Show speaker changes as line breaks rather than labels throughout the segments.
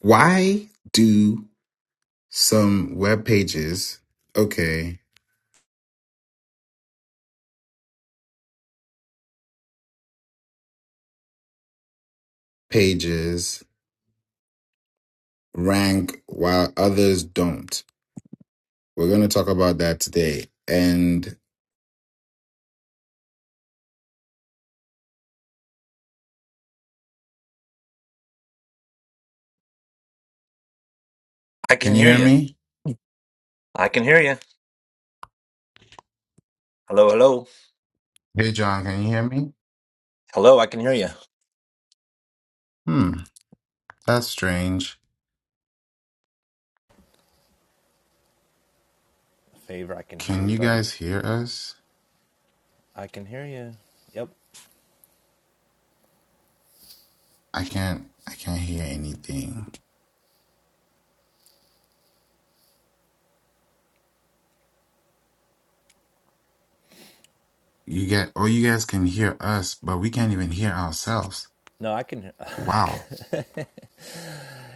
Why do some web pages, okay, pages rank while others don't? We're going to talk about that today. And
I can
can you
hear
hear
you.
me?
I can hear you. Hello, hello.
Hey, John, can you hear me?
Hello, I can hear you.
Hmm, that's strange.
Favor, I can hear
Can
you,
you
buddy.
guys hear us?
I can hear you. Yep.
I can't, I can't hear anything. You get, oh, you guys can hear us, but we can't even hear ourselves.
No, I can. I
Wow.
can.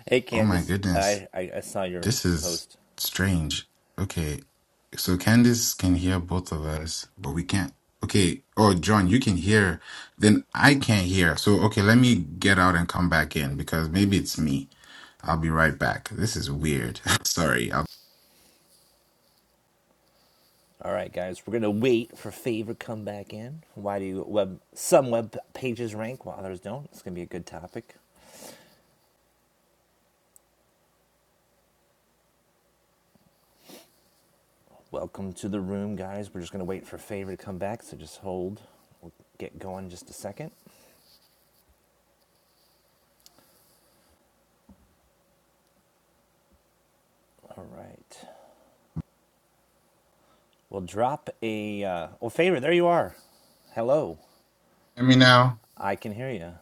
hey,
Oh my
Candace.
goodness.
I, I I saw your
This is
post.
strange. Okay. So Candace can hear both of us, but we can't. Okay. Oh, John, you can hear. Then I can't hear. So, okay, let me get out and come back in because maybe it's me. I'll be right back. This is weird. Sorry. I'll...
All right, guys, we're gonna wait for Favor to come back in. Why do web some web pages rank while others don't? It's gonna be a good topic. Welcome to the room, guys. We're just gonna wait for Favor to come back, so just hold. We'll get going in just a second. All right. We'll drop a. Uh, well, Favor, there you are. Hello.
Hear me now?
I can hear you.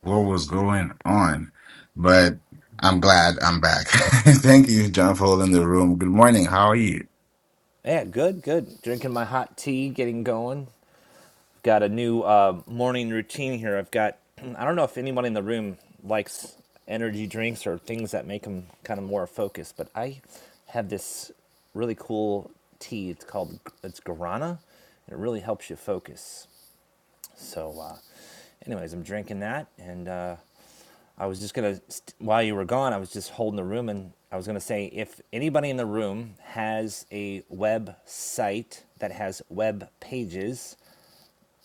What was going on? But I'm glad I'm back. Thank you, John, for holding the room. Good morning. How are you?
Yeah, good, good. Drinking my hot tea, getting going. Got a new uh, morning routine here. I've got, I don't know if anyone in the room likes energy drinks or things that make them kind of more focused, but I have this really cool tea. It's called, it's guarana, and it really helps you focus. So, uh, anyways, I'm drinking that and uh, I was just gonna while you were gone, I was just holding the room, and I was gonna say if anybody in the room has a website that has web pages,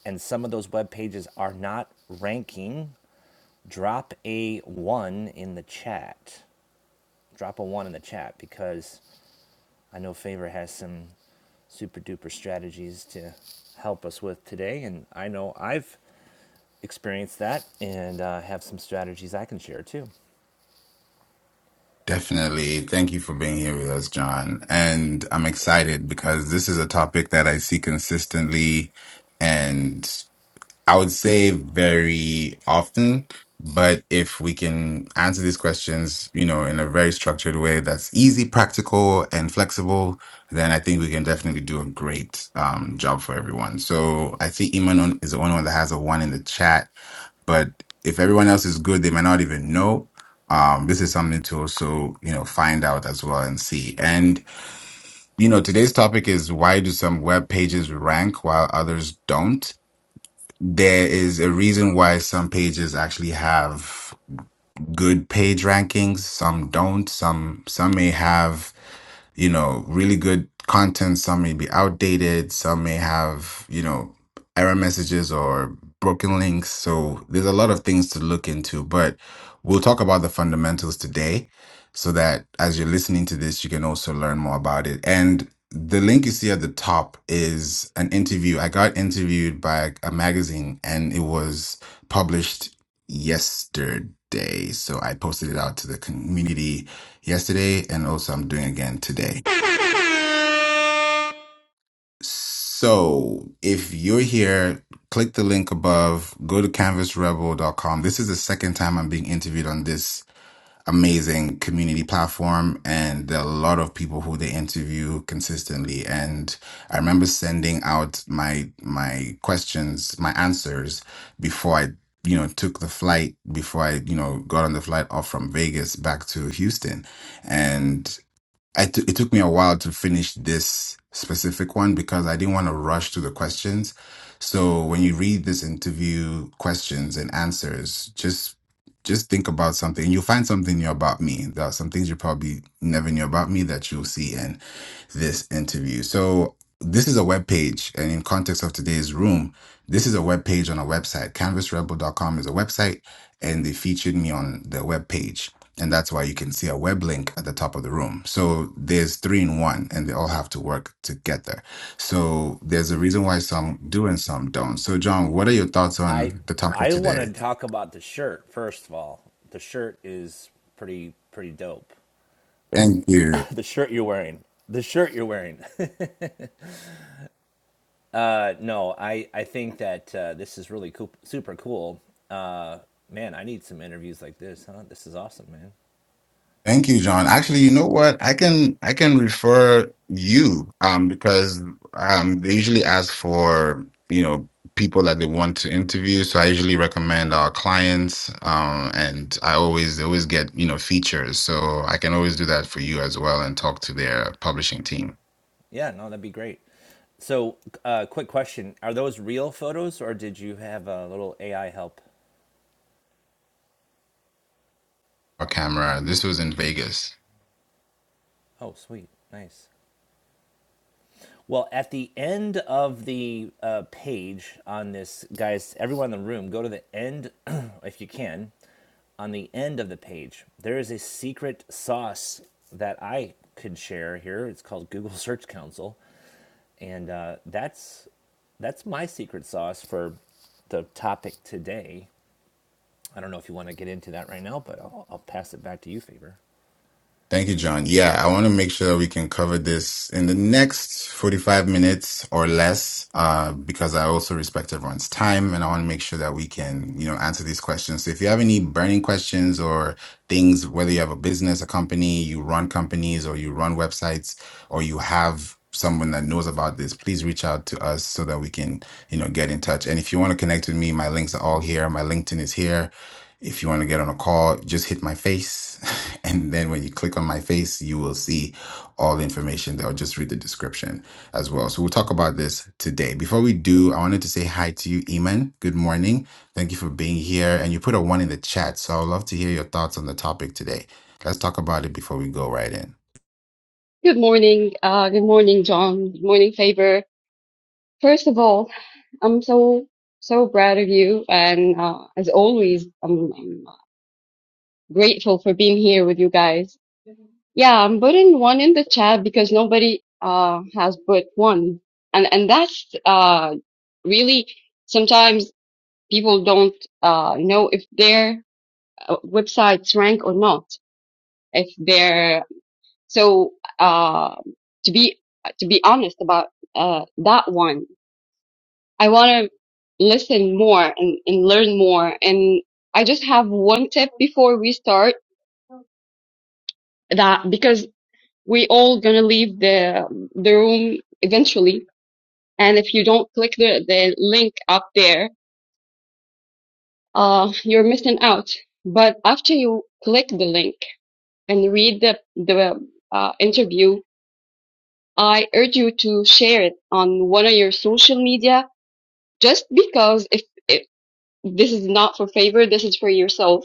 and some of those web pages are not ranking, drop a one in the chat. Drop a one in the chat because I know Favor has some super duper strategies to help us with today, and I know I've experienced that and uh, have some strategies I can share too.
Definitely. Thank you for being here with us, John. And I'm excited because this is a topic that I see consistently and I would say very often. But if we can answer these questions, you know, in a very structured way that's easy, practical, and flexible, then I think we can definitely do a great um, job for everyone. So I see Iman on, is the only one that has a one in the chat but if everyone else is good, they might not even know. Um, this is something to also, you know, find out as well and see. And, you know, today's topic is why do some web pages rank while others don't? There is a reason why some pages actually have good page rankings, some don't. Some some may have you know, really good content. Some may be outdated. Some may have, you know, error messages or broken links. So there's a lot of things to look into, but we'll talk about the fundamentals today so that as you're listening to this, you can also learn more about it. And the link you see at the top is an interview. I got interviewed by a magazine and it was published yesterday. So I posted it out to the community yesterday and also I'm doing again today. So if you're here, click the link above, go to canvasrebel.com. This is the second time I'm being interviewed on this amazing community platform and there are a lot of people who they interview consistently and i remember sending out my my questions my answers before i you know took the flight before i you know got on the flight off from vegas back to houston I t- it took me a while to finish this specific one because I didn't want to rush to the questions. So when you read this interview questions and answers, just just think about something. You'll find something new about me. There are some things you probably never knew about me that you'll see. in this interview. So this is a web page, and in context of today's room, this is a web page on a website. canvas rebel dot com is a website, and they featured me on the web page. And that's why you can see a web link at the top of the room. So there's three in one, and they all have to work together. So there's a reason why some do and some don't. So, John, what are your thoughts
I
on the topic
I want
today?
to talk about the shirt first of all. The shirt is pretty pretty dope.
Thank you.
The shirt you're wearing. The shirt you're wearing. Uh, no, I I think that uh, this is really cool, super cool. Uh, man, I need some interviews like this. Huh? This is awesome, man.
Thank you, John. Actually, you know what? I can I can refer you um because um they usually ask for, you know, people that they want to interview. So I usually recommend our clients um and I always they always get, you know, features. So I can always do that for you as well and talk to their publishing team.
Yeah, no, that'd be great. So, uh, quick question: Are those real photos, or did you have a little AI help?
Our camera. This was in Vegas.
Oh, sweet, nice. Well, at the end of the uh, page on this, guys, everyone in the room, go to the end, if you can, on the end of the page. There is a secret sauce that I could share here. It's called Google Search Council, and uh, that's that's my secret sauce for the topic today. I don't know if you want to get into that right now, but I'll, I'll pass it back to you, Faber.
Thank you, John. Yeah, I want to make sure that we can cover this in the next 45 minutes or less, uh, because I also respect everyone's time and I want to make sure that we can, you know, answer these questions. So if you have any burning questions or things, whether you have a business, a company, you run companies or you run websites, or you have someone that knows about this, please reach out to us so that we can, you know, get in touch. And if you want to connect with me, my links are all here. My LinkedIn is here. If you want to get on a call, just hit my face and then when you click on my face, you will see all the information there. I'll just read the description as well. So we'll talk about this today. Before we do, I wanted to say hi to you, Iman. Good morning. Thank you for being here. And you put a one in the chat. So I'd love to hear your thoughts on the topic today. Let's talk about it before we go right in.
Good morning. Uh, good morning, John. Good morning, Faber. First of all, I'm so, so proud of you. And uh, as always, I'm, I'm grateful for being here with you guys. Yeah, I'm putting one in the chat because nobody uh, has put one. And, and that's uh, really sometimes people don't uh, know if their uh, websites rank or not, if their So, uh, to be to be honest about uh, that one, I want to listen more and, and learn more. And I just have one tip before we start that because we all gonna leave the the room eventually, and if you don't click the the link up there, uh, you're missing out. But after you click the link and read the the uh, interview, I urge you to share it on one of your social media just because if, if this is not for favor, this is for yourself.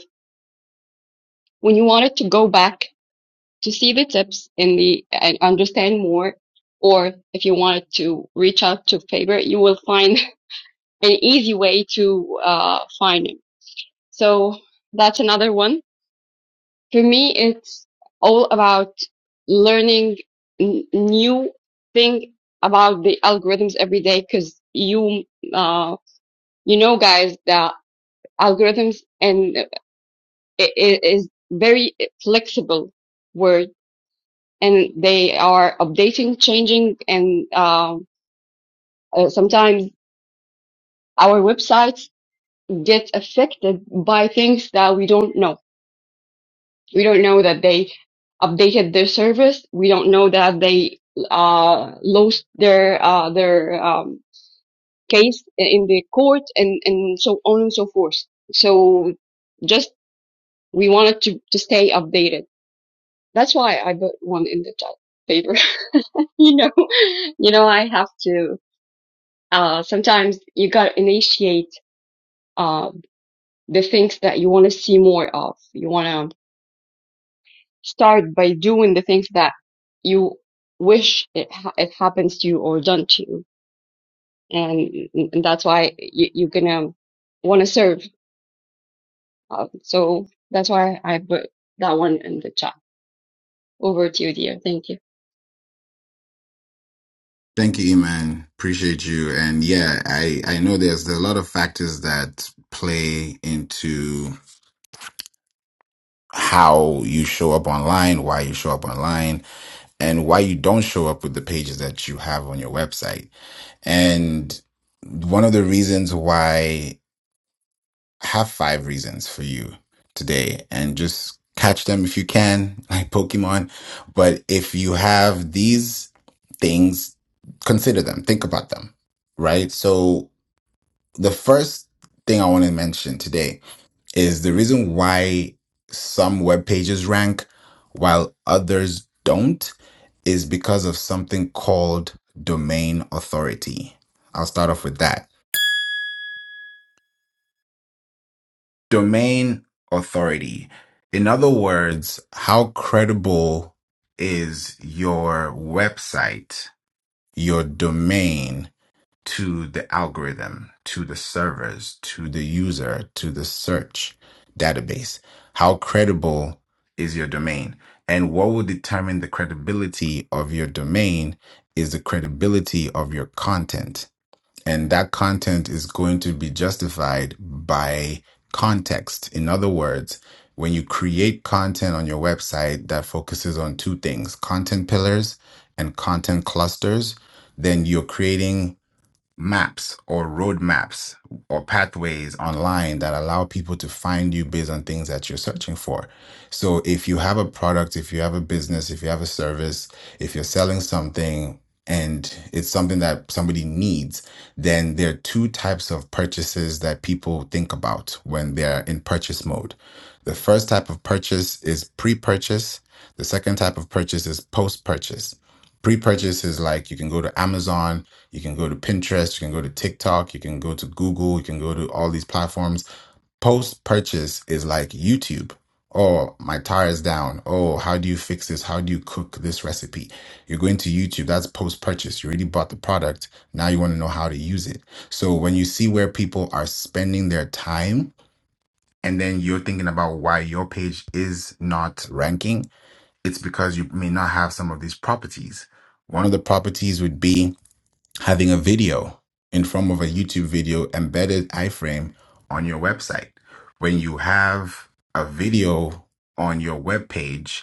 When you wanted to go back to see the tips in the and understand more, or if you wanted to reach out to favor, you will find an easy way to uh, find him. So that's another one. For me, it's all about learning n- new thing about the algorithms every day because you uh, you know guys that algorithms and it, it is very flexible word and they are updating, changing, and um, uh, sometimes our websites get affected by things that we don't know. We don't know that they updated their service. We don't know that they uh, lost their uh, their um, case in the court and, and so on and so forth. So just we wanted to, to stay updated. That's why I put one in the chat paper. you know, you know, I have to, uh, sometimes you gotta initiate, uh, the things that you want to see more of. You want to start by doing the things that you wish it, ha- it happens to you or done to you. And, and that's why you, you're gonna want to serve. Uh, so that's why I put that one in the chat. Over to you, dear. Thank you.
Thank you, Iman. Appreciate you. And yeah, I, I know there's, there's a lot of factors that play into how you show up online, why you show up online and why you don't show up with the pages that you have on your website. And one of the reasons why I have five reasons for you today and just catch them if you can, like Pokemon. But if you have these things, consider them, think about them, right? So the first thing I want to mention today is the reason why some web pages rank while others don't is because of something called domain authority. I'll start off with that. Domain authority. In other words, how credible is your website, your domain to the algorithm, to the servers, to the user, to the search database? How credible is your domain? And what will determine the credibility of your domain is the credibility of your content and that content is going to be justified by context. In other words, when you create content on your website that focuses on two things content pillars and content clusters, then you're creating maps or roadmaps or pathways online that allow people to find you based on things that you're searching for. So if you have a product, if you have a business, if you have a service, if you're selling something and it's something that somebody needs, then there are two types of purchases that people think about when they're in purchase mode. The first type of purchase is pre purchase. The second type of purchase is post purchase. Pre-purchase is like you can go to Amazon, you can go to Pinterest, you can go to TikTok, you can go to Google, you can go to all these platforms. Post-purchase is like YouTube. Oh, my tire is down. Oh, how do you fix this? How do you cook this recipe? You're going to YouTube. That's post-purchase. You already bought the product. Now you want to know how to use it. So when you see where people are spending their time, and then you're thinking about why your page is not ranking it's because you may not have some of these properties. One of the properties would be having a video in form of a YouTube video embedded iframe on your website. When you have a video on your web page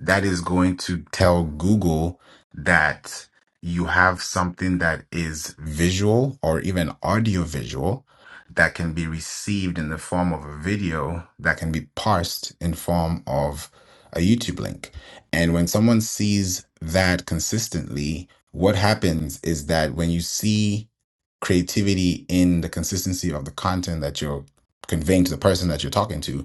that is going to tell Google that you have something that is visual or even audio visual that can be received in the form of a video that can be parsed in form of a YouTube link. And when someone sees that consistently, what happens is that when you see creativity in the consistency of the content that you're conveying to the person that you're talking to,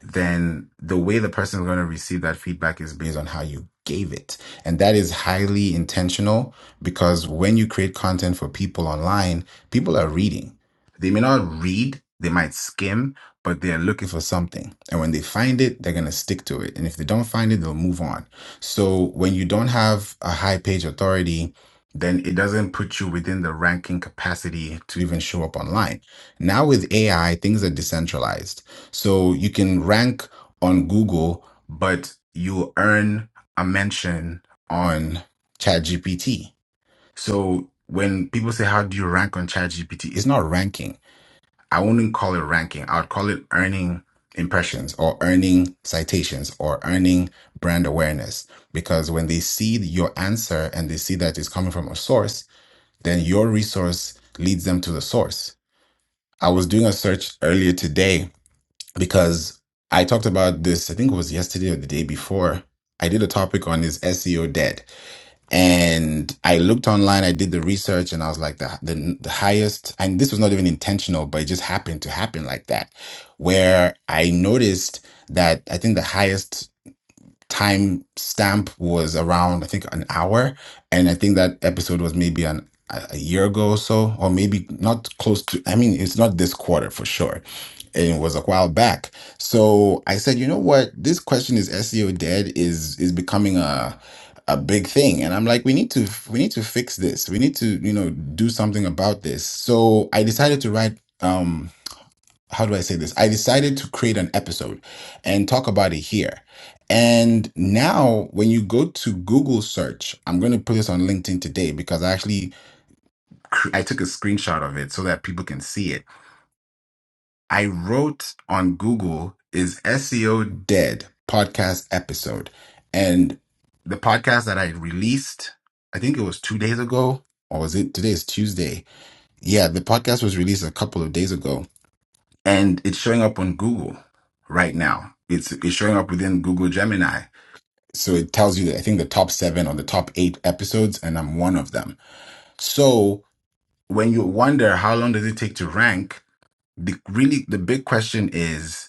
then the way the person is going to receive that feedback is based on how you gave it. And that is highly intentional because when you create content for people online, people are reading. They may not read, they might skim, but they're looking for something. And when they find it, they're going to stick to it. And if they don't find it, they'll move on. So when you don't have a high page authority, then it doesn't put you within the ranking capacity to even show up online. Now with AI, things are decentralized. So you can rank on Google, but you earn a mention on ChatGPT. So when people say, How do you rank on ChatGPT? It's not ranking. I wouldn't call it ranking. I would call it earning impressions or earning citations or earning brand awareness. Because when they see your answer and they see that it's coming from a source, then your resource leads them to the source. I was doing a search earlier today because I talked about this, I think it was yesterday or the day before. I did a topic on is SEO dead. And I looked online, I did the research, and I was like, the, the, the highest, and this was not even intentional, but it just happened to happen like that, where I noticed that I think the highest time stamp was around, I think, an hour. And I think that episode was maybe an, a a year ago or so, or maybe not close to, I mean, it's not this quarter for sure. And it was a while back. So I said, you know what? This question is SEO dead is is becoming a a big thing and i'm like we need to we need to fix this we need to you know do something about this so i decided to write um how do I say this? I decided to create an episode and talk about it here. And now, when you go to Google search, I'm going to put this on LinkedIn today because I actually cr- I took a screenshot of it so that people can see it. I wrote on Google is SEO dead podcast episode, and the podcast that I released, I think it was two days ago, or was it today is Tuesday? Yeah, the podcast was released a couple of days ago and it's showing up on Google right now. It's it's showing up within Google Gemini. So it tells you I think the top 7 or the top 8 episodes and I'm one of them. So when you wonder how long does it take to rank, the really the big question is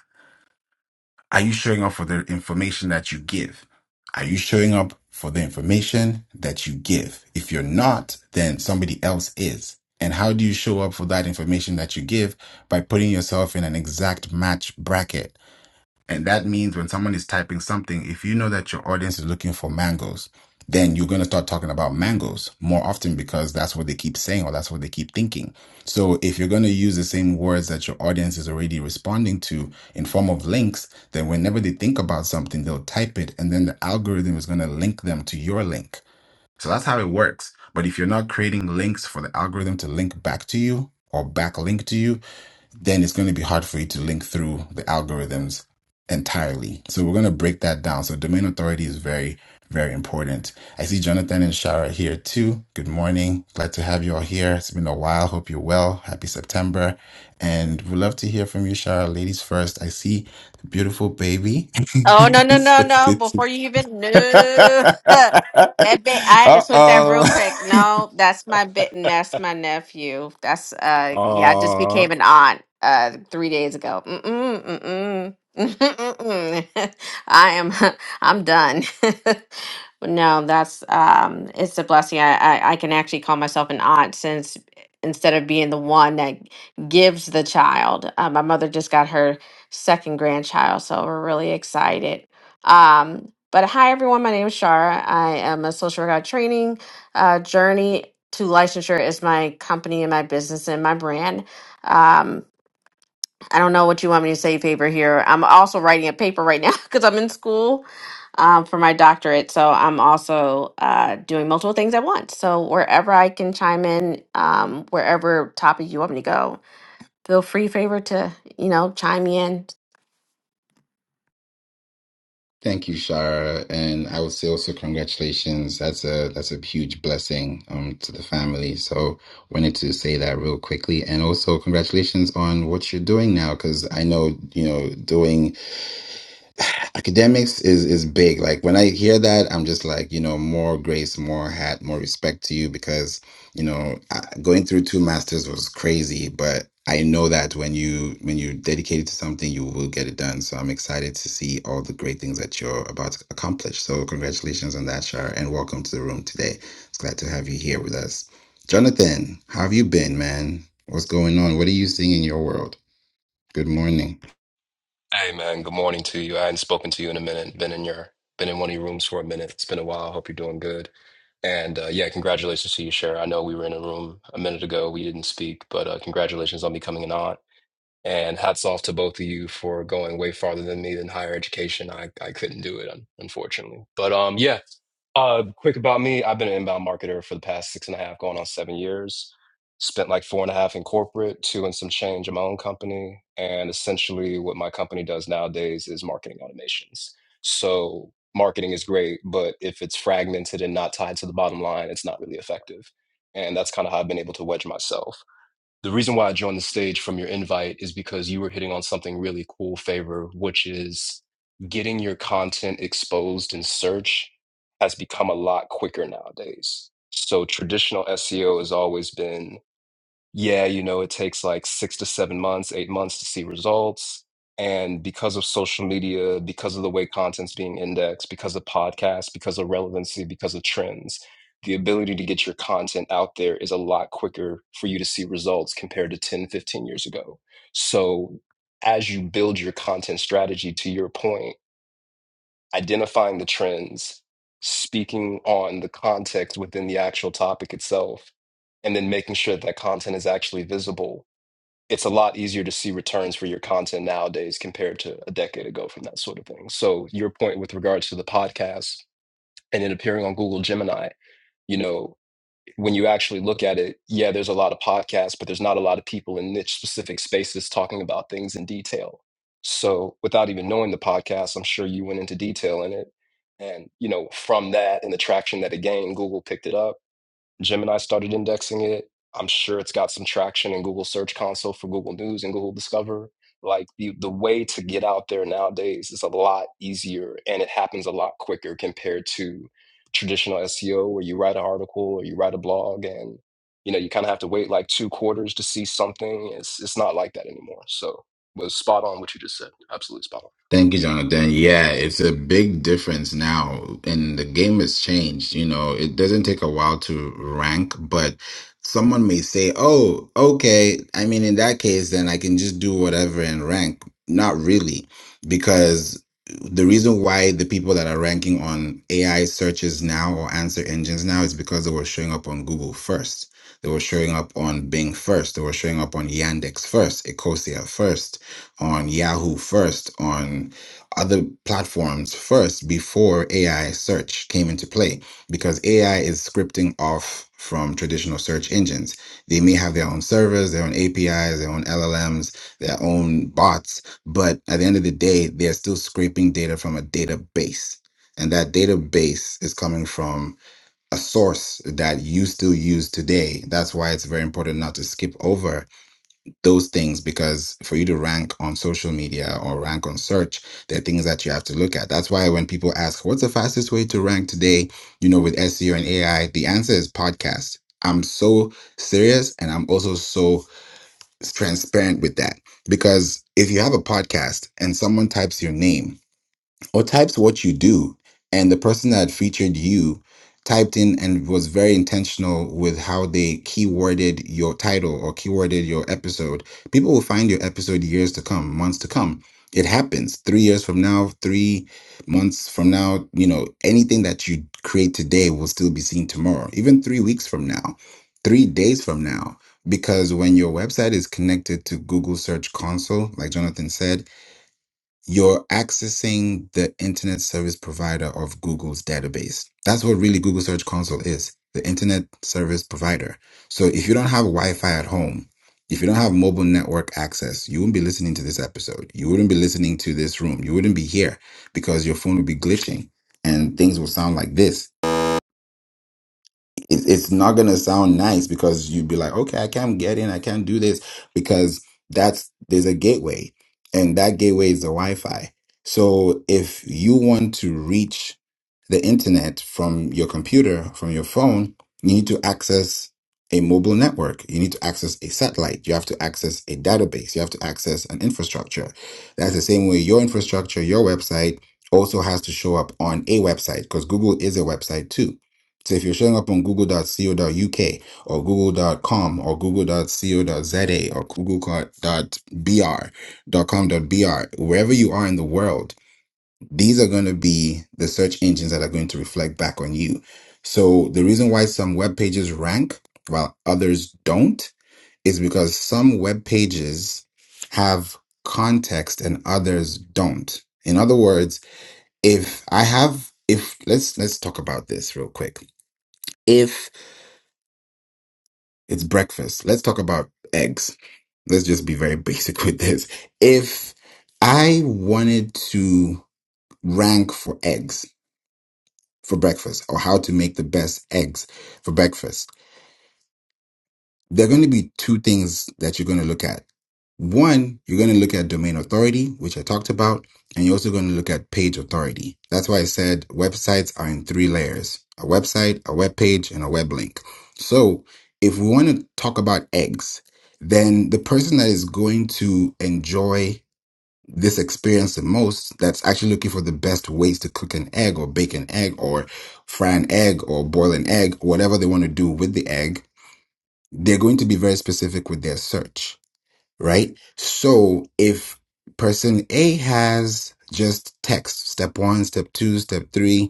are you showing up for the information that you give? Are you showing up for the information that you give? If you're not, then somebody else is. And how do you show up for that information that you give? By putting yourself in an exact match bracket And that means when someone is typing something, if you know that your audience is looking for mangoes, then you're going to start talking about mangoes more often because that's what they keep saying or that's what they keep thinking. So if you're going to use the same words that your audience is already responding to in form of links, then whenever they think about something, they'll type it and then the algorithm is going to link them to your link. So that's how it works. But if you're not creating links for the algorithm to link back to you or backlink to you, then it's going to be hard for you to link through the algorithms entirely. So we're going to break that down. So domain authority is very, very important. I see Jonathan and Shara here too. Good morning. Glad to have you all here. It's been a while. Hope you're well. Happy September. And we'd love to hear from you, Shara. Ladies first. I see the beautiful baby.
Oh no no
so
no
it's
no!
good to.
Before you even knew that bit, I had to switch that
uh
real quick. No, that's my bit, and that's my nephew. That's uh, yeah, I just
oh.
became an aunt uh three days ago. Mm-mm, mm-mm. Mm-mm. I am, I'm done. But no, that's um, it's a blessing. I, I I can actually call myself an aunt since instead of being the one that gives the child, uh, my mother just got her second grandchild. So we're really excited. Um, but hi, everyone. My name is Shara. I am a social worker training. Uh, Journey to Licensure is my company and my business and my brand. Um, I don't know what you want me to say, paper here. I'm also writing a paper right now because I'm in school um, for my doctorate. So I'm also uh, doing multiple things at once. So wherever I can chime in, um, wherever topic you want me to go, feel free, favor to you know chime in
Thank you, Shara, and I would say also congratulations. That's a that's a huge blessing um to the family. So wanted to say that real quickly, and also congratulations on what you're doing now, because I know you know doing academics is is big like when i hear that i'm just like you know more grace more hat more respect to you because you know I- going through two masters was crazy but i know that when you when you're dedicated to something you will get it done so i'm excited to see all the great things that you're about to accomplish so congratulations on that shar and welcome to the room today it's glad to have you here with us jonathan how have you been man what's going on what are you seeing in your world good morning
Hey man, good morning to you. I hadn't spoken to you in a minute. Been in your been in one of your rooms for a minute. It's been a while. Hope you're doing good. And uh, yeah, congratulations to you, Cher. I know we were in a room a minute ago. We didn't speak, but uh, congratulations on becoming an aunt. And hats off to both of you for going way farther than me in higher education. I, I couldn't do it, un- unfortunately. But um, yeah, uh, quick about me. I've been an inbound marketer for the past six and a half, going on seven years. Spent like four and a half in corporate, two and some change in my own company. And essentially, what my company does nowadays is marketing automations. So, marketing is great, but if it's fragmented and not tied to the bottom line, it's not really effective. And that's kind of how I've been able to wedge myself the reason why I joined the stage from your invite is because you were hitting on something really cool, Favor, which is getting your content exposed in search has become a lot quicker nowadays. So traditional SEO has always been yeah, you know, it takes like six to seven months, eight months to see results. And because of social media, because of the way content's being indexed, because of podcasts, because of relevancy, because of trends, the ability to get your content out there is a lot quicker for you to see results compared to 10, 15 years ago. So as you build your content strategy, to your point, identifying the trends, speaking on the context within the actual topic itself, and then making sure that content is actually visible. It's a lot easier to see returns for your content nowadays compared to a decade ago from that sort of thing. So, your point with regards to the podcast and it appearing on Google Gemini, you know when you actually look at it, yeah, there's a lot of podcasts, but there's not a lot of people in niche specific spaces talking about things in detail. So without even knowing the podcast, I'm sure you went into detail in it. And, you know, from that and the traction that it gained, Google picked it up Gemini started indexing it. I'm sure it's got some traction in Google Search Console for Google News and Google Discover. Like the, the way to get out there nowadays is a lot easier and it happens a lot quicker compared to traditional SEO where you write an article or you write a blog and you know you kind of have to wait like two quarters to see something. It's it's not like that anymore. So was spot on what you just said. Absolutely spot on.
Thank you, Jonathan. Yeah, it's a big difference now, and the game has changed. You know, it doesn't take a while to rank, but someone may say, "Oh, okay. I mean, in that case, then I can just do whatever and rank." Not really, because the reason why the people that are ranking on AI searches now or answer engines now is because they were showing up on Google first. They were showing up on Bing first. They were showing up on Yandex first, Ecosia first on Yahoo first, on other platforms first before AI search came into play because AI is scripting off from traditional search engines. They may have their own servers, their own APIs, their own LLMs, their own bots, but at the end of the day, they're still scraping data from a database. And that database is coming from a source that you still use today. That's why it's very important not to skip over those things because for you to rank on social media or rank on search, there are things that you have to look at. That's why when people ask, what's the fastest way to rank today, you know, with SEO and AI, the answer is podcast. I'm so serious and I'm also so transparent with that because if you have a podcast and someone types your name, or types what you do and the person that featured you typed in and was very intentional with how they keyworded your title or keyworded your episode people will find your episode years to come months to come it happens 3 years from now 3 months from now you know anything that you create today will still be seen tomorrow even 3 weeks from now 3 days from now because when your website is connected to Google Search Console like Jonathan said you're accessing the internet service provider of Google's database. That's what really Google Search Console is the internet service provider. So if you don't have Wi Fi at home, if you don't have mobile network access, you wouldn't be listening to this episode. You wouldn't be listening to this room. You wouldn't be here because your phone would be glitching and things will sound like this it, it's not gonna sound nice because you'd be like, okay, I can't get in, I can't do this because that's there's a gateway, and that gateway is the Wi-Fi. So if you want to reach the internet from your computer, from your phone, you need to access a mobile network. You need to access a satellite. You have to access a database. You have to access an infrastructure. That's the same way your infrastructure, your website also has to show up on a website because Google is a website too so if you're showing up on google.co.uk or google.com or google.co.za or google.br.com.br, wherever you are in the world, these are going to be the search engines that are going to reflect back on you. So the reason why some web pages rank while others don't is because some web pages have context and others don't. In other words, if I have if let's let's talk about this real quick. if It's breakfast. Let's talk about eggs. Let's just be very basic with this. If I wanted to rank for eggs for breakfast or how to make the best eggs for breakfast, there are going to be two things that you're going to look at. One, you're going to look at domain authority, which I talked about, and you're also going to look at page authority. That's why I said websites are in three layers a website, a web page, and a web link. So if we want to talk about eggs, then the person that is going to enjoy this experience the most, that's actually looking for the best ways to cook an egg or bake an egg or fry an egg or boil an egg, whatever they want to do with the egg they're going to be very specific with their search, right? So if person A has just text, step one, step two, step three,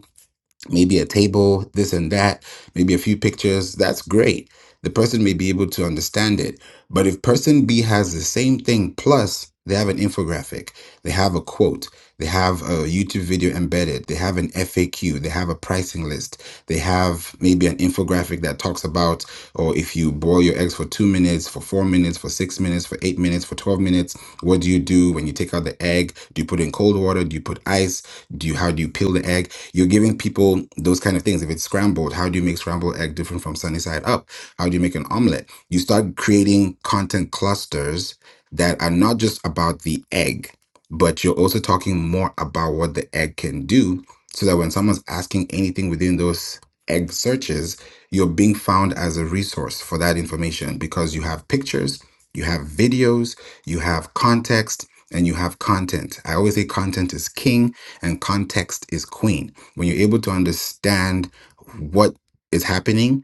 maybe a table, this and that, maybe a few pictures, that's great. The person may be able to understand it. But if person B has the same thing plus they have an infographic, they have a quote, they have a YouTube video embedded, they have an FAQ, they have a pricing list, they have maybe an infographic that talks about, or if you boil your eggs for two minutes, for four minutes, for six minutes, for eight minutes, for 12 minutes, what do you do when you take out the egg? Do you put it in cold water? Do you put ice? Do you, how do you peel the egg? You're giving people those kind of things. If it's scrambled, how do you make scrambled egg different from sunny side up? How do you make an omelet? You start creating content clusters that are not just about the egg, but you're also talking more about what the egg can do so that when someone's asking anything within those egg searches, you're being found as a resource for that information because you have pictures, you have videos, you have context, and you have content. I always say content is king and context is queen when you're able to understand what is happening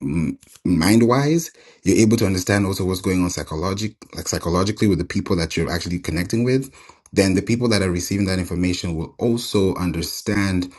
mind wise you're able to understand also what's going on psychologic like psychologically with the people that you're actually connecting with then the people that are receiving that information will also understand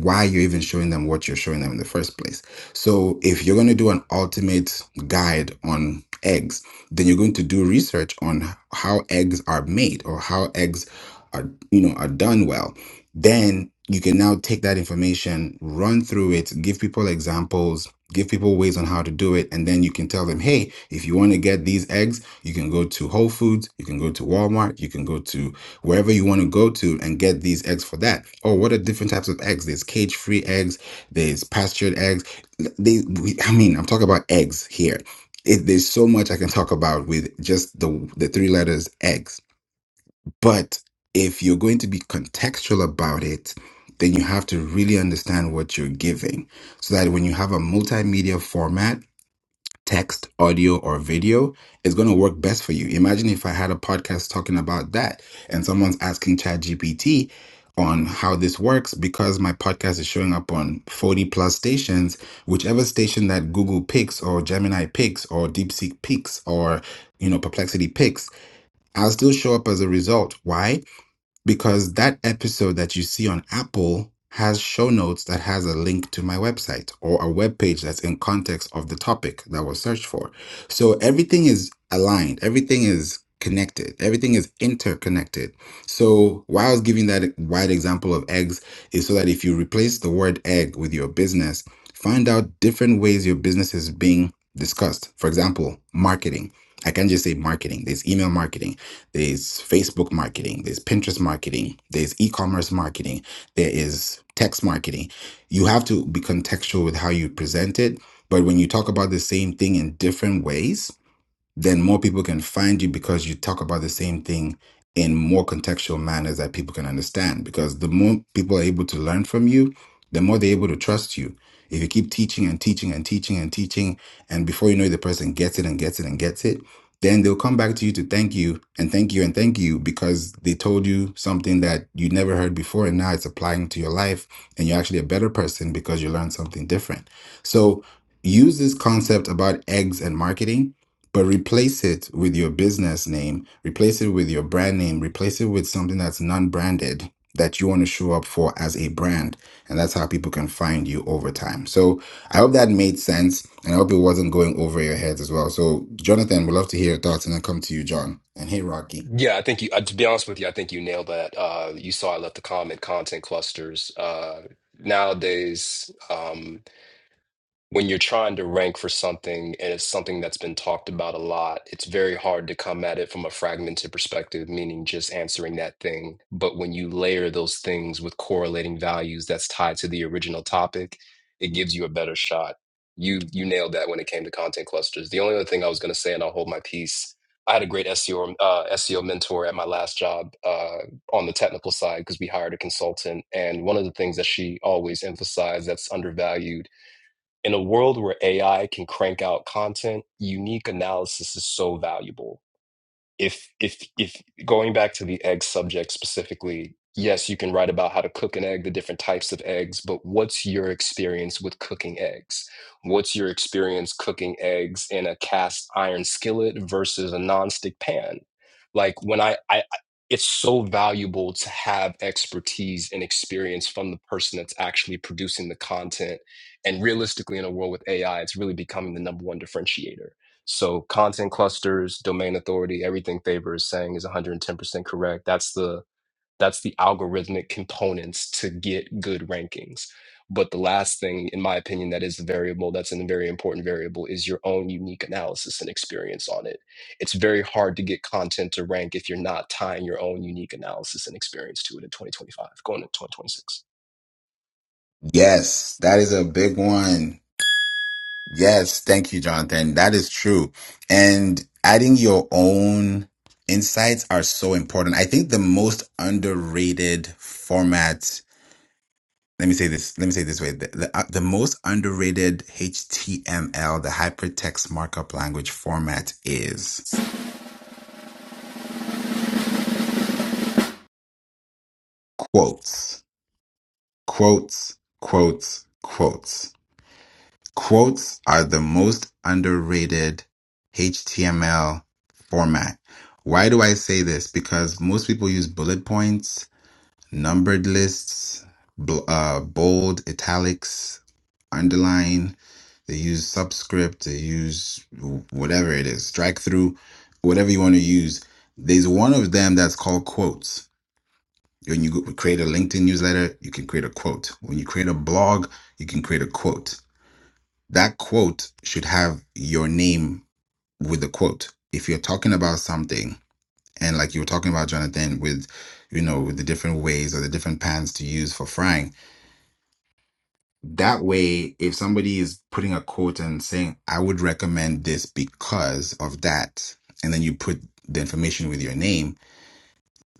why you're even showing them what you're showing them in the first place so if you're going to do an ultimate guide on eggs then you're going to do research on how eggs are made or how eggs are you know are done well then you can now take that information run through it give people examples give people ways on how to do it and then you can tell them hey if you want to get these eggs you can go to whole foods you can go to walmart you can go to wherever you want to go to and get these eggs for that oh what are different types of eggs there's cage free eggs there's pastured eggs they we, i mean i'm talking about eggs here it, there's so much i can talk about with just the the three letters eggs but if you're going to be contextual about it, then you have to really understand what you're giving so that when you have a multimedia format, text, audio, or video, it's going to work best for you. Imagine if I had a podcast talking about that and someone's asking ChatGPT on how this works because my podcast is showing up on 40 plus stations, whichever station that Google picks or Gemini picks or DeepSeek picks or, you know, Perplexity picks, I'll still show up as a result. Why? because that episode that you see on Apple has show notes that has a link to my website or a web page that's in context of the topic that was searched for. So everything is aligned, everything is connected, everything is interconnected. So why I was giving that wide example of eggs is so that if you replace the word egg with your business, find out different ways your business is being discussed. For example, marketing. I can't just say marketing. There's email marketing there's Facebook marketing, there's Pinterest marketing, there's e commerce marketing, there is text marketing. You have to be contextual with how you present it. But when you talk about the same thing in different ways, then more people can find you because you talk about the same thing in more contextual manners that people can understand. Because the more people are able to learn from you, the more they're able to trust you. If you keep teaching and teaching and teaching and teaching, and before you know it, the person gets it and gets it and gets it, then they'll come back to you to thank you and thank you and thank you because they told you something that you never heard before. And now it's applying to your life, and you're actually a better person because you learned something different. So use this concept about eggs and marketing but replace it with your business name, replace it with your brand name, replace it with something that's non branded that you want to show up for as a brand. And that's how people can find you over time. So I hope that made sense. And I hope it wasn't going over your heads as well. So, Jonathan, we'd love to hear your thoughts and then come to you, John. And hey, Rocky.
Yeah, I think you, uh, to be honest with you, I think you nailed that. Uh, you saw I left the comment content clusters. Uh, nowadays, um, when you're trying to rank for something and it's something that's been talked about a lot, it's very hard to come at it from a fragmented perspective, meaning just answering that thing. But when you layer those things with correlating values that's tied to the original topic, it gives you a better shot. You you nailed that when it came to content clusters. The only other thing I was going to say, and I'll hold my peace. I had a great SEO uh, SEO mentor at my last job uh, on the technical side because we hired a consultant, and one of the things that she always emphasized that's undervalued in a world where AI can crank out content, unique analysis is so valuable if if if going back to the egg subject specifically yes you can write about how to cook an egg the different types of eggs but what's your experience with cooking eggs what's your experience cooking eggs in a cast iron skillet versus a nonstick pan like when i i I- it's so valuable to have expertise and experience from the person that's actually producing the content and realistically in a world with ai it's really becoming the number one differentiator so content clusters, domain authority, everything Faber is saying is 110% correct. That's the that's the algorithmic components to get good rankings. But the last thing, in my opinion, that is the variable that's a very important variable is your own unique analysis and experience on it. It's very hard to get content to rank if you're not tying your own unique analysis and experience to it in 2025, going into 2026.
Yes, that is a big one. Yes, thank you, Jonathan. That is true. And adding your own insights are so important. I think the most underrated format, let me say this, let me say it this way. The, the, uh, the most underrated HTML, the hypertext markup language format is quotes, quotes, quotes, quotes. Quotes are the most underrated HTML format. Why do I say this? Because most people use bullet points, numbered lists, bl- uh, bold, italics, underline. They use subscript. They use wh- whatever it is, strike through, whatever you want to use. There's one of them that's called quotes. When you create a LinkedIn newsletter, you can create a quote. When you create a blog, you can create a quote that quote should have your name with the quote. If you're talking about something, and like you were talking about Jonathan with, you know, with the different ways or the different pans to use for frying, that way, if somebody is putting a quote and saying, I would recommend this because of that, and then you put the information with your name,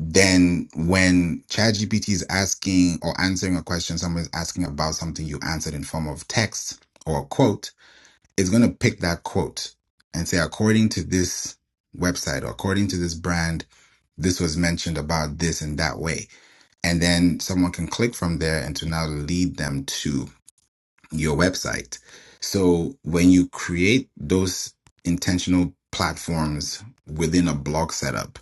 then when ChatGPT is asking or answering a question, someone's asking about something you answered in form of text or a quote, it's going to pick that quote and say, according to this website or according to this brand, this was mentioned about this in that way. And then someone can click from there and to now lead them to your website. So when you create those intentional platforms within a blog setup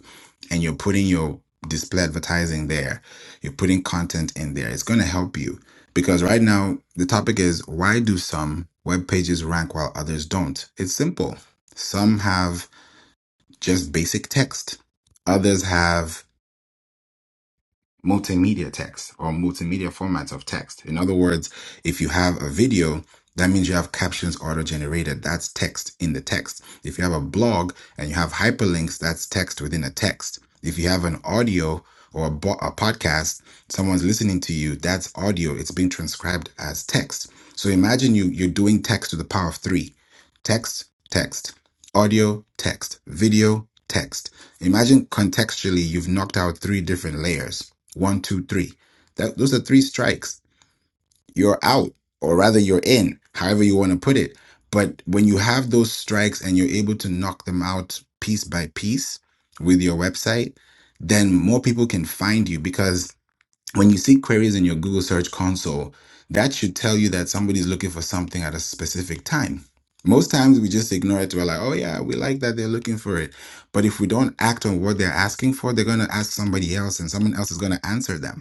and you're putting your display advertising there, you're putting content in there, it's going to help you because right now the topic is why do some web pages rank while others don't? It's simple. Some have just basic text. Others have multimedia text or multimedia formats of text. In other words, if you have a video, that means you have captions auto generated. That's text in the text. If you have a blog and you have hyperlinks, that's text within a text. If you have an audio or a, bo- a podcast, someone's listening to you, that's audio. It's being transcribed as text. So imagine you, you're doing text to the power of three text, text, audio, text, video, text. Imagine contextually you've knocked out three different layers one, two, three. That those are three strikes. You're out, or rather, you're in, however you want to put it. But when you have those strikes and you're able to knock them out piece by piece with your website, then more people can find you because when you see queries in your Google Search Console, that should tell you that somebody's looking for something at a specific time. Most times we just ignore it. We're like, oh, yeah, we like that they're looking for it. But if we don't act on what they're asking for, they're going to ask somebody else and someone else is going to answer them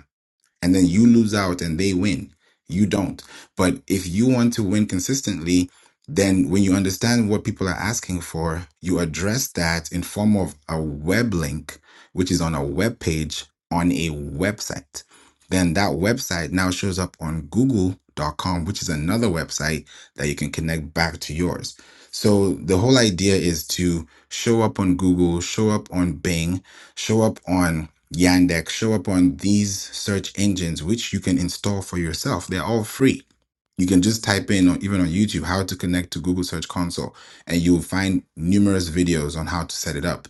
and then you lose out and they win. You don't. But if you want to win consistently, then when you understand what people are asking for, you address that in form of a web link, which is on a web page on a website. Then that website now shows up on google.com, which is another website that you can connect back to yours. So the whole idea is to show up on Google, show up on Bing, show up on Yandex show up on these search engines, which you can install for yourself. They're all free. You can just type in, or even on YouTube, how to connect to Google Search Console, and you'll find numerous videos on how to set it up.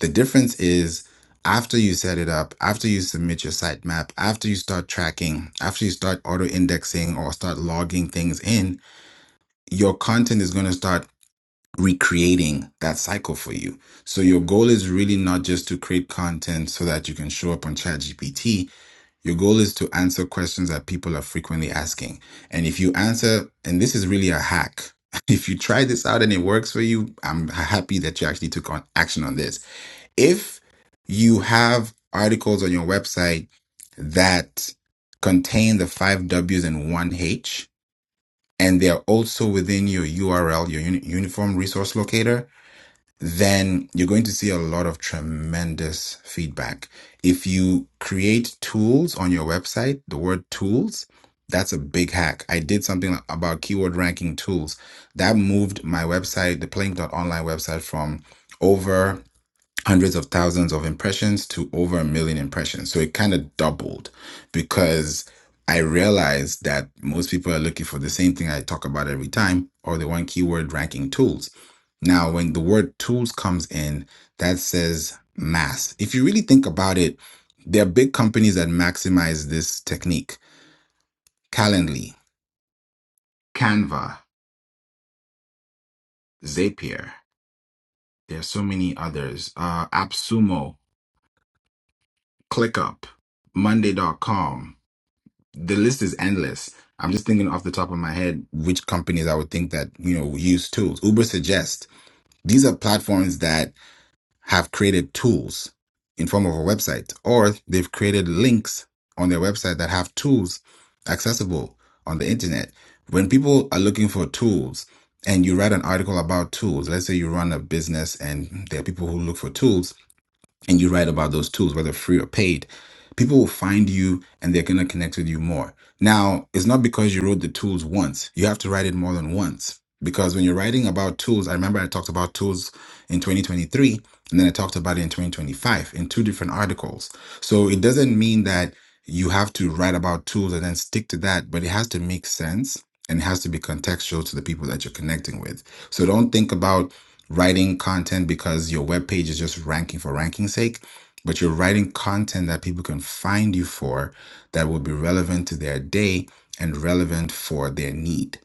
The difference is after you set it up, after you submit your sitemap, after you start tracking, after you start auto indexing or start logging things in, your content is going to start recreating that cycle for you. So your goal is really not just to create content so that you can show up on ChatGPT. Your goal is to answer questions that people are frequently asking. And if you answer, and this is really a hack. If you try this out and it works for you, I'm happy that you actually took on action on this. If you have articles on your website that contain the five W's and one H, and they're also within your URL, your uni- uniform resource locator, then you're going to see a lot of tremendous feedback. If you create tools on your website, the word tools, that's a big hack. I did something about keyword ranking tools that moved my website, the Plink dot Online website, from over hundreds of thousands of impressions to over a million impressions. So it kind of doubled because I realized that most people are looking for the same thing I talk about every time or the one keyword ranking tools. Now, when the word tools comes in, that says mass. If you really think about it, there are big companies that maximize this technique Calendly, Canva, Zapier. There are so many others. Uh, AppSumo, ClickUp, Monday.com. the list is endless. I'm just thinking off the top of my head which companies I would think that, you know, use tools. Uber Suggest. These are platforms that have created tools in form of a website or they've created links on their website that have tools accessible on the internet. When people are looking for tools and you write an article about tools, let's say you run a business and there are people who look for tools, and you write about those tools, whether free or paid, people will find you and they're going to connect with you more. Now, it's not because you wrote the tools once, you have to write it more than once. Because when you're writing about tools, I remember I talked about tools in 2023 and then I talked about it in 2025 in two different articles. So it doesn't mean that you have to write about tools and then stick to that, but it has to make sense and it has to be contextual to the people that you're connecting with. So don't think about writing content because your web page is just ranking for ranking's sake, but you're writing content that people can find you for that will be relevant to their day and relevant for their need.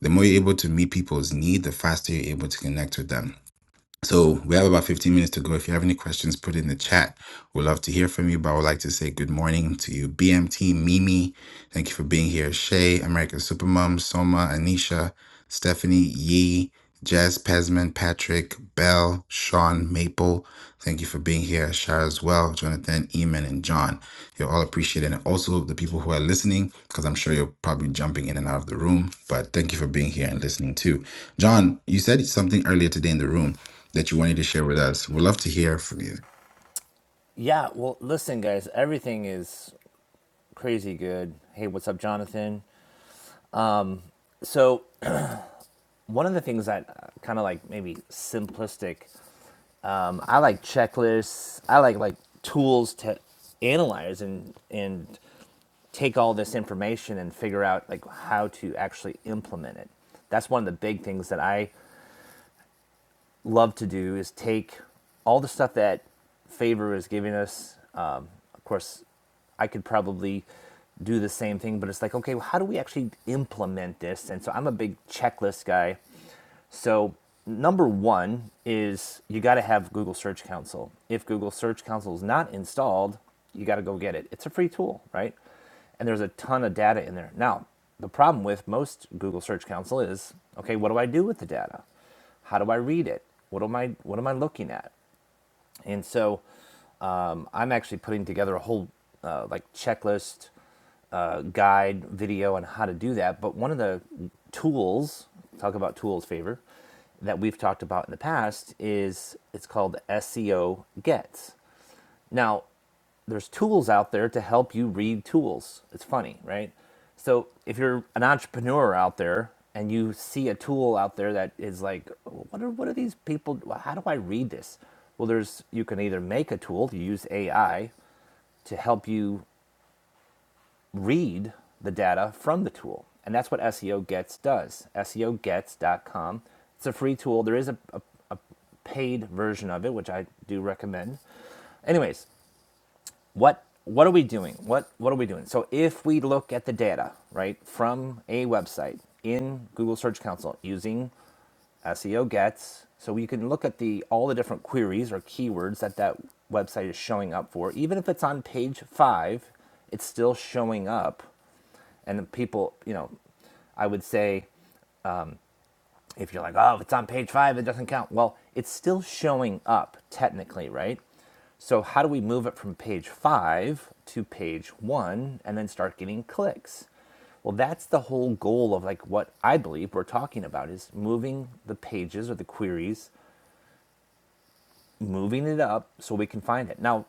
The more you're able to meet people's need, the faster you're able to connect with them. So we have about 15 minutes to go. If you have any questions, put it in the chat. We'd love to hear from you, but I would like to say good morning to you, BMT, Mimi. Thank you for being here. Shay, American Supermom, Soma, Anisha, Stephanie, Yee, Jazz Pesman, Patrick, Bell, Sean, Maple. Thank you for being here. Shara as well, Jonathan, Eamon, and John. You're all appreciated. And also the people who are listening, because I'm sure you're probably jumping in and out of the room, but thank you for being here and listening too. John, you said something earlier today in the room that you wanted to share with us. We'd love to hear from you.
Yeah, well, listen, guys, everything is crazy good. Hey, what's up, Jonathan? So, One of the things that kind of like maybe simplistic, um, I like checklists. I like like tools to analyze and and take all this information and figure out like how to actually implement it. That's one of the big things that I love to do is take all the stuff that favor is giving us. Um, of course, I could probably do the same thing, but it's like, okay, well, how do we actually implement this? And so I'm a big checklist guy So, number one is you got to have Google Search Console. If Google Search Console is not installed, you got to go get it. It's a free tool, right? And there's a ton of data in there. Now, the problem with most Google Search Console is okay, what do I do with the data? How do I read it? What am I what am I looking at? And so um, I'm actually putting together a whole uh, like checklist, uh, guide, video on how to do that. But one of the tools, talk about tools favor, that we've talked about in the past is it's called SEO Gets. Now, there's tools out there to help you read tools. It's funny, right? So if you're an entrepreneur out there and you see a tool out there that is like, "Well, what are what are these people? How do I read this? Well, there's you can either make a tool to use AI to help you read the data from the tool, and that's what SEO Gets does. SEOGets.com. It's a free tool. There is a, a, a paid version of it, which I do recommend. Anyways, what what are we doing what what are we doing so if we look at the data right from a website in google search console using seo gets so we can look at the all the different queries or keywords that that website is showing up for even if it's on page five it's still showing up and the people you know i would say if you're like, oh, if it's on page five, it doesn't count. Well, it's still showing up technically, right? So, how do we move it from page five to page one and then start getting clicks? Well, that's the whole goal of like what I believe we're talking about is moving the pages or the queries, moving it up so we can find it. Now,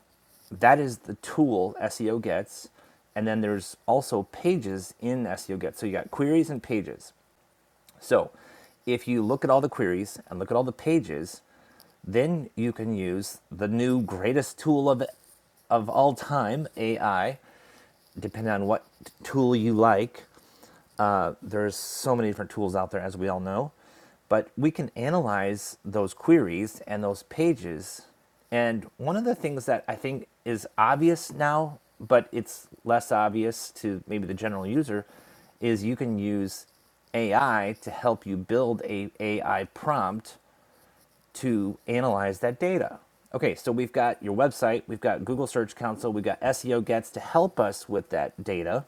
that is the tool SEO gets. And then there's also pages in SEO gets. So you got queries and pages. So if you look at all the queries and look at all the pages, then you can use the new greatest tool of, of all time, AI, depending on what tool you like. Uh, there's so many different tools out there as we all know but we can analyze those queries and those pages and one of the things that i think is obvious now but it's less obvious to maybe the general user is you can use ai to help you build a ai prompt to analyze that data okay so we've got your website we've got google search console we've got seo gets to help us with that data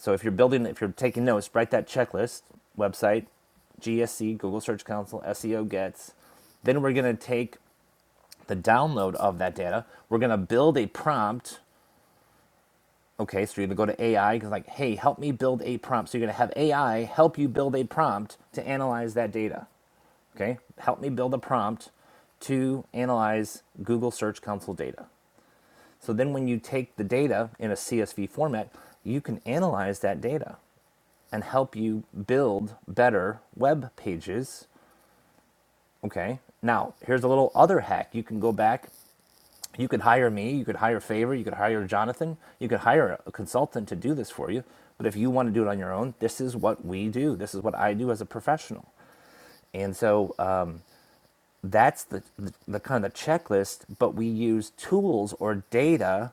so if you're building, if you're taking notes, write that checklist website, GSC, Google Search Console, SEO gets. Then we're going to take the download of that data. We're going to build a prompt. Okay, so you're going to go to AI because, like, hey, help me build a prompt. So you're going to have AI help you build a prompt to analyze that data. Okay, help me build a prompt to analyze Google Search Console data. So then when you take the data in a CSV format, you can analyze that data. and help you build better web pages. Okay. Now, here's a little other hack. You can go back. You could hire me. You could hire Favor. You could hire Jonathan. You could hire a consultant to do this for you. But if you want to do it on your own, this is what we do. This is what I do as a professional. And so uh, that's the, the, the kind of checklist, but we use tools or data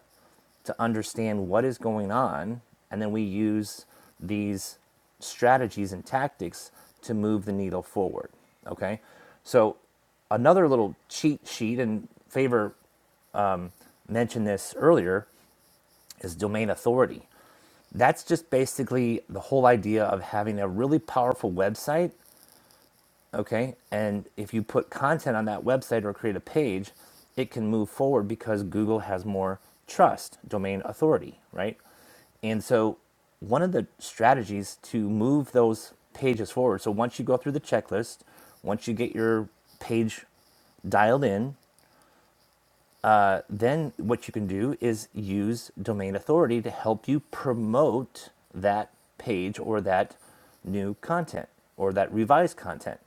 to understand what is going on, and then we use these strategies and tactics to move the needle forward. Okay, so another little cheat sheet, and Favor mentioned this earlier, is domain authority. That's just basically the whole idea of having a really powerful website okay and if you put content on that website or create a page it can move forward because google has more trust domain authority right and so one of the strategies to move those pages forward so once you go through the checklist once you get your page dialed in uh, then what you can do is use domain authority to help you promote that page or that new content or that revised content.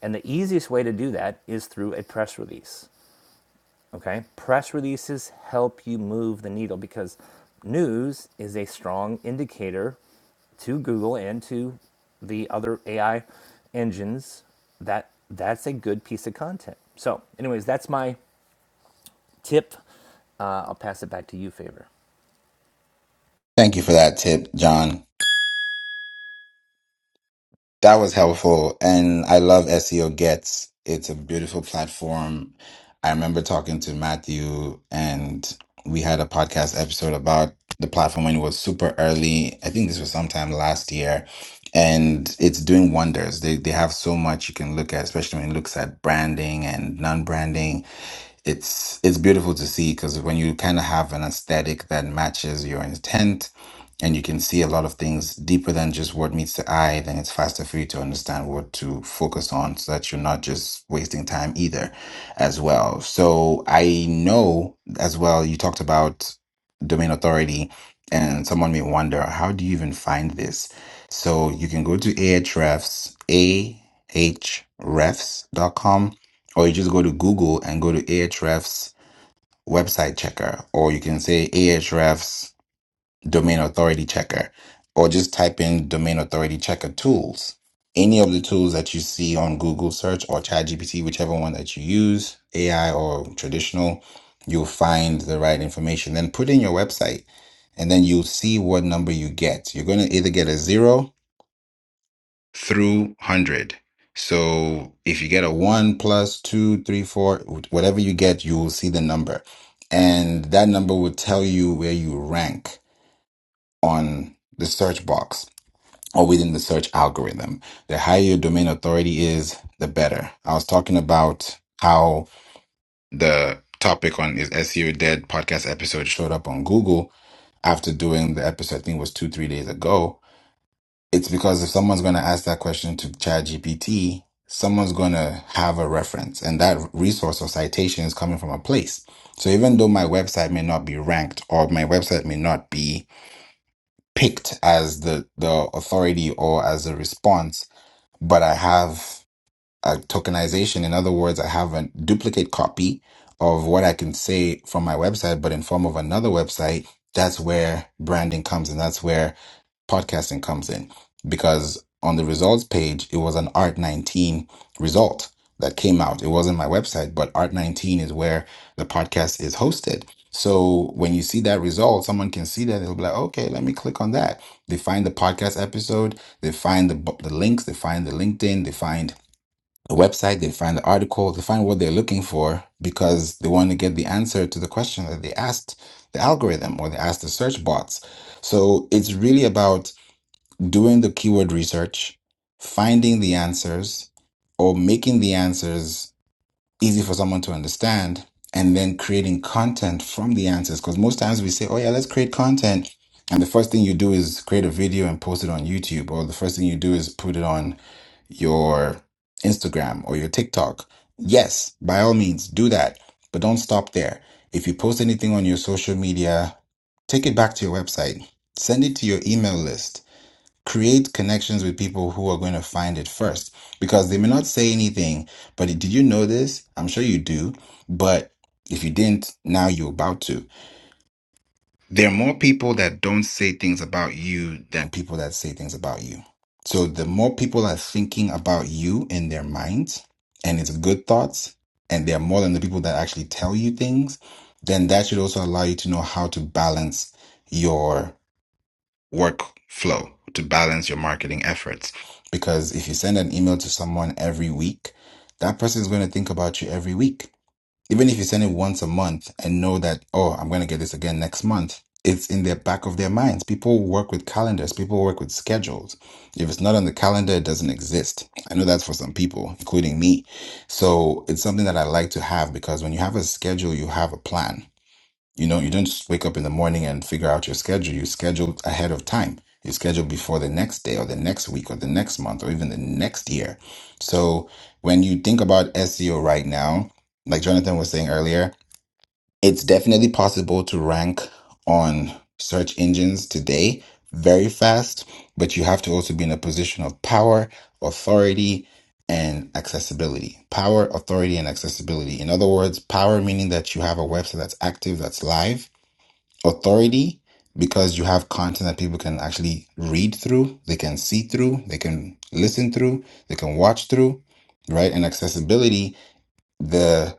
And the easiest way to do that is through a press release. Okay? Press releases help you move the needle because news is a strong indicator to Google and to the other AI engines that that's a good piece of content. So, anyways, that's my tip. Uh, I'll pass it back to you, Faber.
Thank you for that tip, John. That was helpful. And I love SEO Gets. It's a beautiful platform. I remember talking to Matthew, and we had a podcast episode about the platform when it was super early. I think this was sometime last year. And it's doing wonders. They, they have so much you can look at, especially when it looks at branding and non branding it's it's beautiful to see because when you kind of have an aesthetic that matches your intent and you can see a lot of things deeper than just what meets the eye then it's faster for you to understand what to focus on so that you're not just wasting time either as well so i know as well you talked about domain authority and someone may wonder how do you even find this so you can go to ahrefs ahrefs dot com or you just go to Google and go to Ahrefs website checker, or you can say Ahrefs domain authority checker, or just type in domain authority checker tools. Any of the tools that you see on Google search or ChatGPT, whichever one that you use, AI or traditional, you'll find the right information. Then put in your website and then you'll see what number you get. You're going to either get a zero through 100. So if you get a 1 plus plus 2 3 4 wh- whatever you get, you will see the number. And that number will tell you where you rank on the search box or within the search algorithm. The higher your domain authority is, the better. I was talking about how the topic on is SEO Dead podcast episode showed up on Google after doing the episode, I think it was two, three days ago it's because if someone's going to ask that question to ChatGPT, someone's going to have a reference, and that resource or citation is coming from a place. So even though my website may not be ranked or my website may not be picked as the, the authority or as a response, but I have a tokenization. In other words, I have a duplicate copy of what I can say from my website, but in form of another website. That's where branding comes, and that's where podcasting comes in because on the results page, it was an Art 19 result that came out. It wasn't my website, but Art 19 is where the podcast is hosted. So when you see that result, someone can see that they'll be like, okay, let me click on that. They find the podcast episode, they find the, the links, they find the LinkedIn, they find the website, they find the article, they find what they're looking for because they want to get the answer to the question that they asked the algorithm or they asked the search bots. So it's really about doing the keyword research, finding the answers, or making the answers easy for someone to understand, and then creating content from the answers. Because most times we say, oh, yeah, let's create content. And the first thing you do is create a video and post it on YouTube, or the first thing you do is put it on your Instagram or your TikTok. Yes, by all means, do that, but don't stop there. If you post anything on your social media, take it back to your website, send it to your email list create connections with people who are going to find it first because they may not say anything but did you know this i'm sure you do but if you didn't now you're about to there are more people that don't say things about you than people that say things about you so the more people are thinking about you in their minds and it's good thoughts and they're more than the people that actually tell you things then that should also allow you to know how to balance your workflow to balance your marketing efforts. Because if you send an email to someone every week, that person is going to think about you every week. Even if you send it once a month and know that, oh, I'm going to get this again next month, it's in the back of their minds. People work with calendars, people work with schedules. If it's not on the calendar, it doesn't exist. I know that's for some people, including me. So it's something that I like to have because when you have a schedule, you have a plan you know, you don't just wake up in the morning and figure out your schedule. You schedule ahead of time. You schedule before the next day or the next week or the next month or even the next year. So when you think about SEO right now, like Jonathan was saying earlier, it's definitely possible to rank on search engines today very fast, but you have to also be in a position of power, authority, and accessibility. Power, authority, and accessibility. In other words, power meaning that you have a website that's active, that's live authority because you have content that people can actually read through, they can see through, they can listen through, they can watch through, right? And accessibility the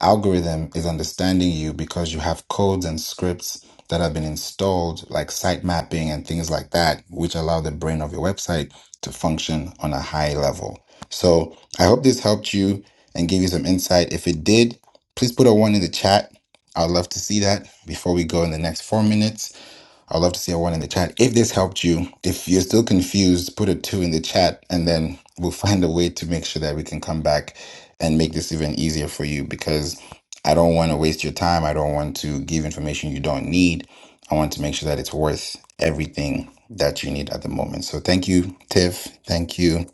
algorithm is understanding you because you have codes and scripts that have been installed, like site mapping and things like that, which allow the brain of your website to function on a high level. So I hope this helped you and gave you some insight. If it did, please put a one in the chat. I'd love to see that before we go in the next four minutes. I'd love to see a one in the chat. If this helped you, if you're still confused, put a two in the chat and then we'll find a way to make sure that we can come back and make this even easier for you because I don't want to waste your time. I don't want to give information you don't need. I want to make sure that it's worth everything that you need at the moment. So thank you, Tiff. Thank you,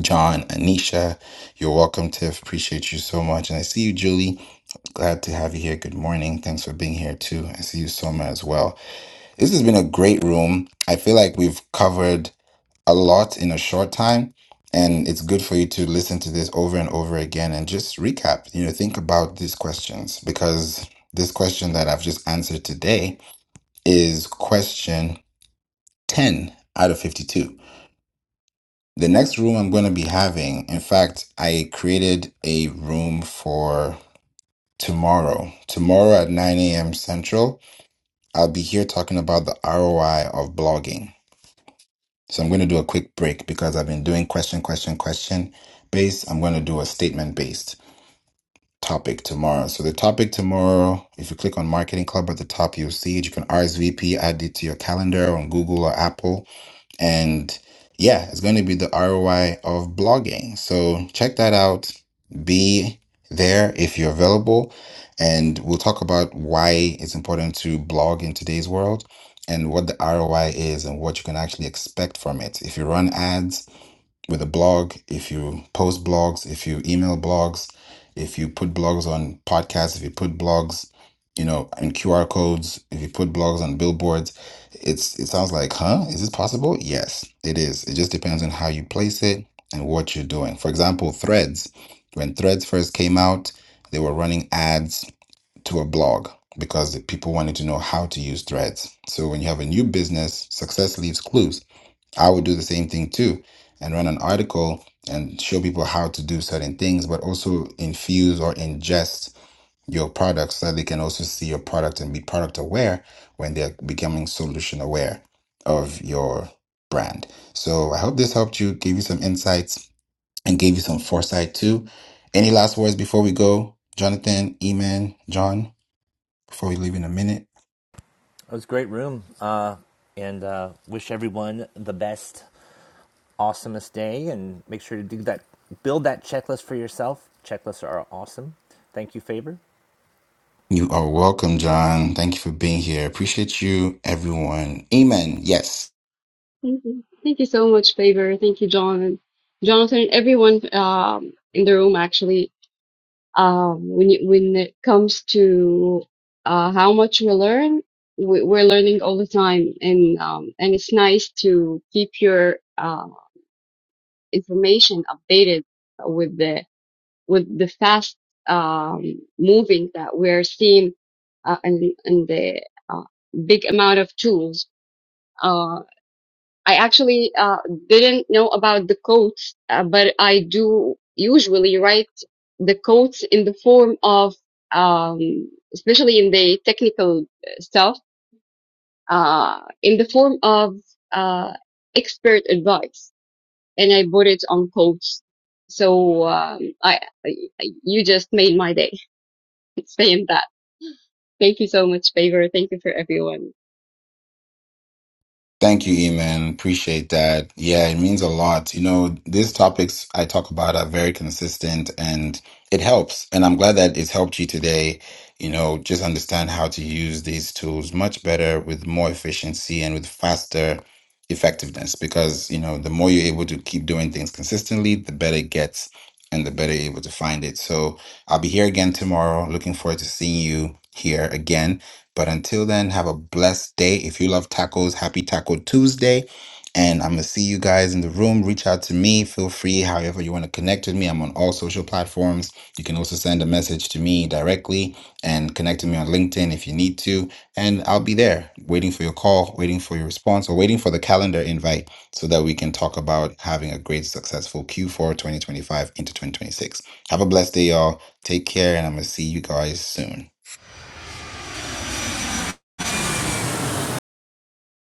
John, Anisha. You're welcome, Tiff. Appreciate you so much. And I see you, Julie. Glad to have you here. Good morning. Thanks for being here too. I see you, Soma, as well. This has been a great room. I feel like we've covered a lot in a short time, and it's good for you to listen to this over and over again and just recap. You know, think about these questions because this question that I've just answered today is question 10 out of 52. The next room I'm going to be having, in fact, I created a room for tomorrow. Tomorrow at 9 a.m. Central, I'll be here talking about the ROI of blogging So I'm going to do a quick break because I've been doing question, question, question based. I'm going to do a statement based topic tomorrow. So the topic tomorrow, if you click on Marketing Club at the top, you'll see it. You can RSVP, add it to your calendar on Google or Apple and yeah, it's going to be the ROI of blogging. So check that out. Be there if you're available. And we'll talk about why it's important to blog in today's world and what the ROI is and what you can actually expect from it. If you run ads, with a blog, if you post blogs, if you email blogs, if you put blogs on podcasts, if you put blogs, you know, in QR codes, if you put blogs on billboards, it's it sounds like, huh? Is this possible? Yes, it is. It just depends on how you place it and what you're doing. For example, Threads. When Threads first came out, they were running ads to a blog because the people wanted to know how to use Threads. So when you have a new business, success leaves clues I would do the same thing too and run an article and show people how to do certain things, but also infuse or ingest your products so that they can also see your product and be product aware when they're becoming solution aware of your brand. So I hope this helped you, gave you some insights, and gave you some foresight too. Any last words before we go, Jonathan, Eman, John, before we leave in a minute?
It was a great room, uh, and uh, wish everyone the best, awesomest day. And make sure to do that, build that checklist for yourself. Checklists are awesome. Thank you, Faber.
You are welcome, John. Thank you for being here. Appreciate you, everyone. Amen. Yes.
Thank you. Thank you so much, Faber. Thank you, John and Jonathan, everyone um, in the room actually. Um, when you, when it comes to uh, how much we learn, we, we're learning all the time, and um, and it's nice to keep your uh, information updated with the with the fast um, moving that we're seeing, uh, and and the uh, big amount of tools. uh, I actually uh, didn't know about the quotes, uh, but I do usually write the quotes in the form of, um, especially in the technical stuff, uh, in the form of uh, expert advice, and I put it on quotes. So um, I, I, you just made my day saying that. Thank you so much, Favor. Thank you for everyone.
Thank you, Eman. Appreciate that. Yeah, it means a lot. You know, these topics I talk about are very consistent and it helps. And I'm glad that it's helped you today, you know, just understand how to use these tools much better with more efficiency and with faster effectiveness. Because, you know, the more you're able to keep doing things consistently, the better it gets and the better you're able to find it. So I'll be here again tomorrow. Looking forward to seeing you here again. But until then, have a blessed day. If you love tacos, happy Taco Tuesday. And I'm going to see you guys in the room. Reach out to me. Feel free, however, you want to connect with me. I'm on all social platforms. You can also send a message to me directly and connect with me on LinkedIn if you need to. And I'll be there waiting for your call, waiting for your response, or waiting for the calendar invite so that we can talk about having a great, successful Q4 2025 into 2026. Have a blessed day, y'all. Take care, and I'm going to see you guys soon.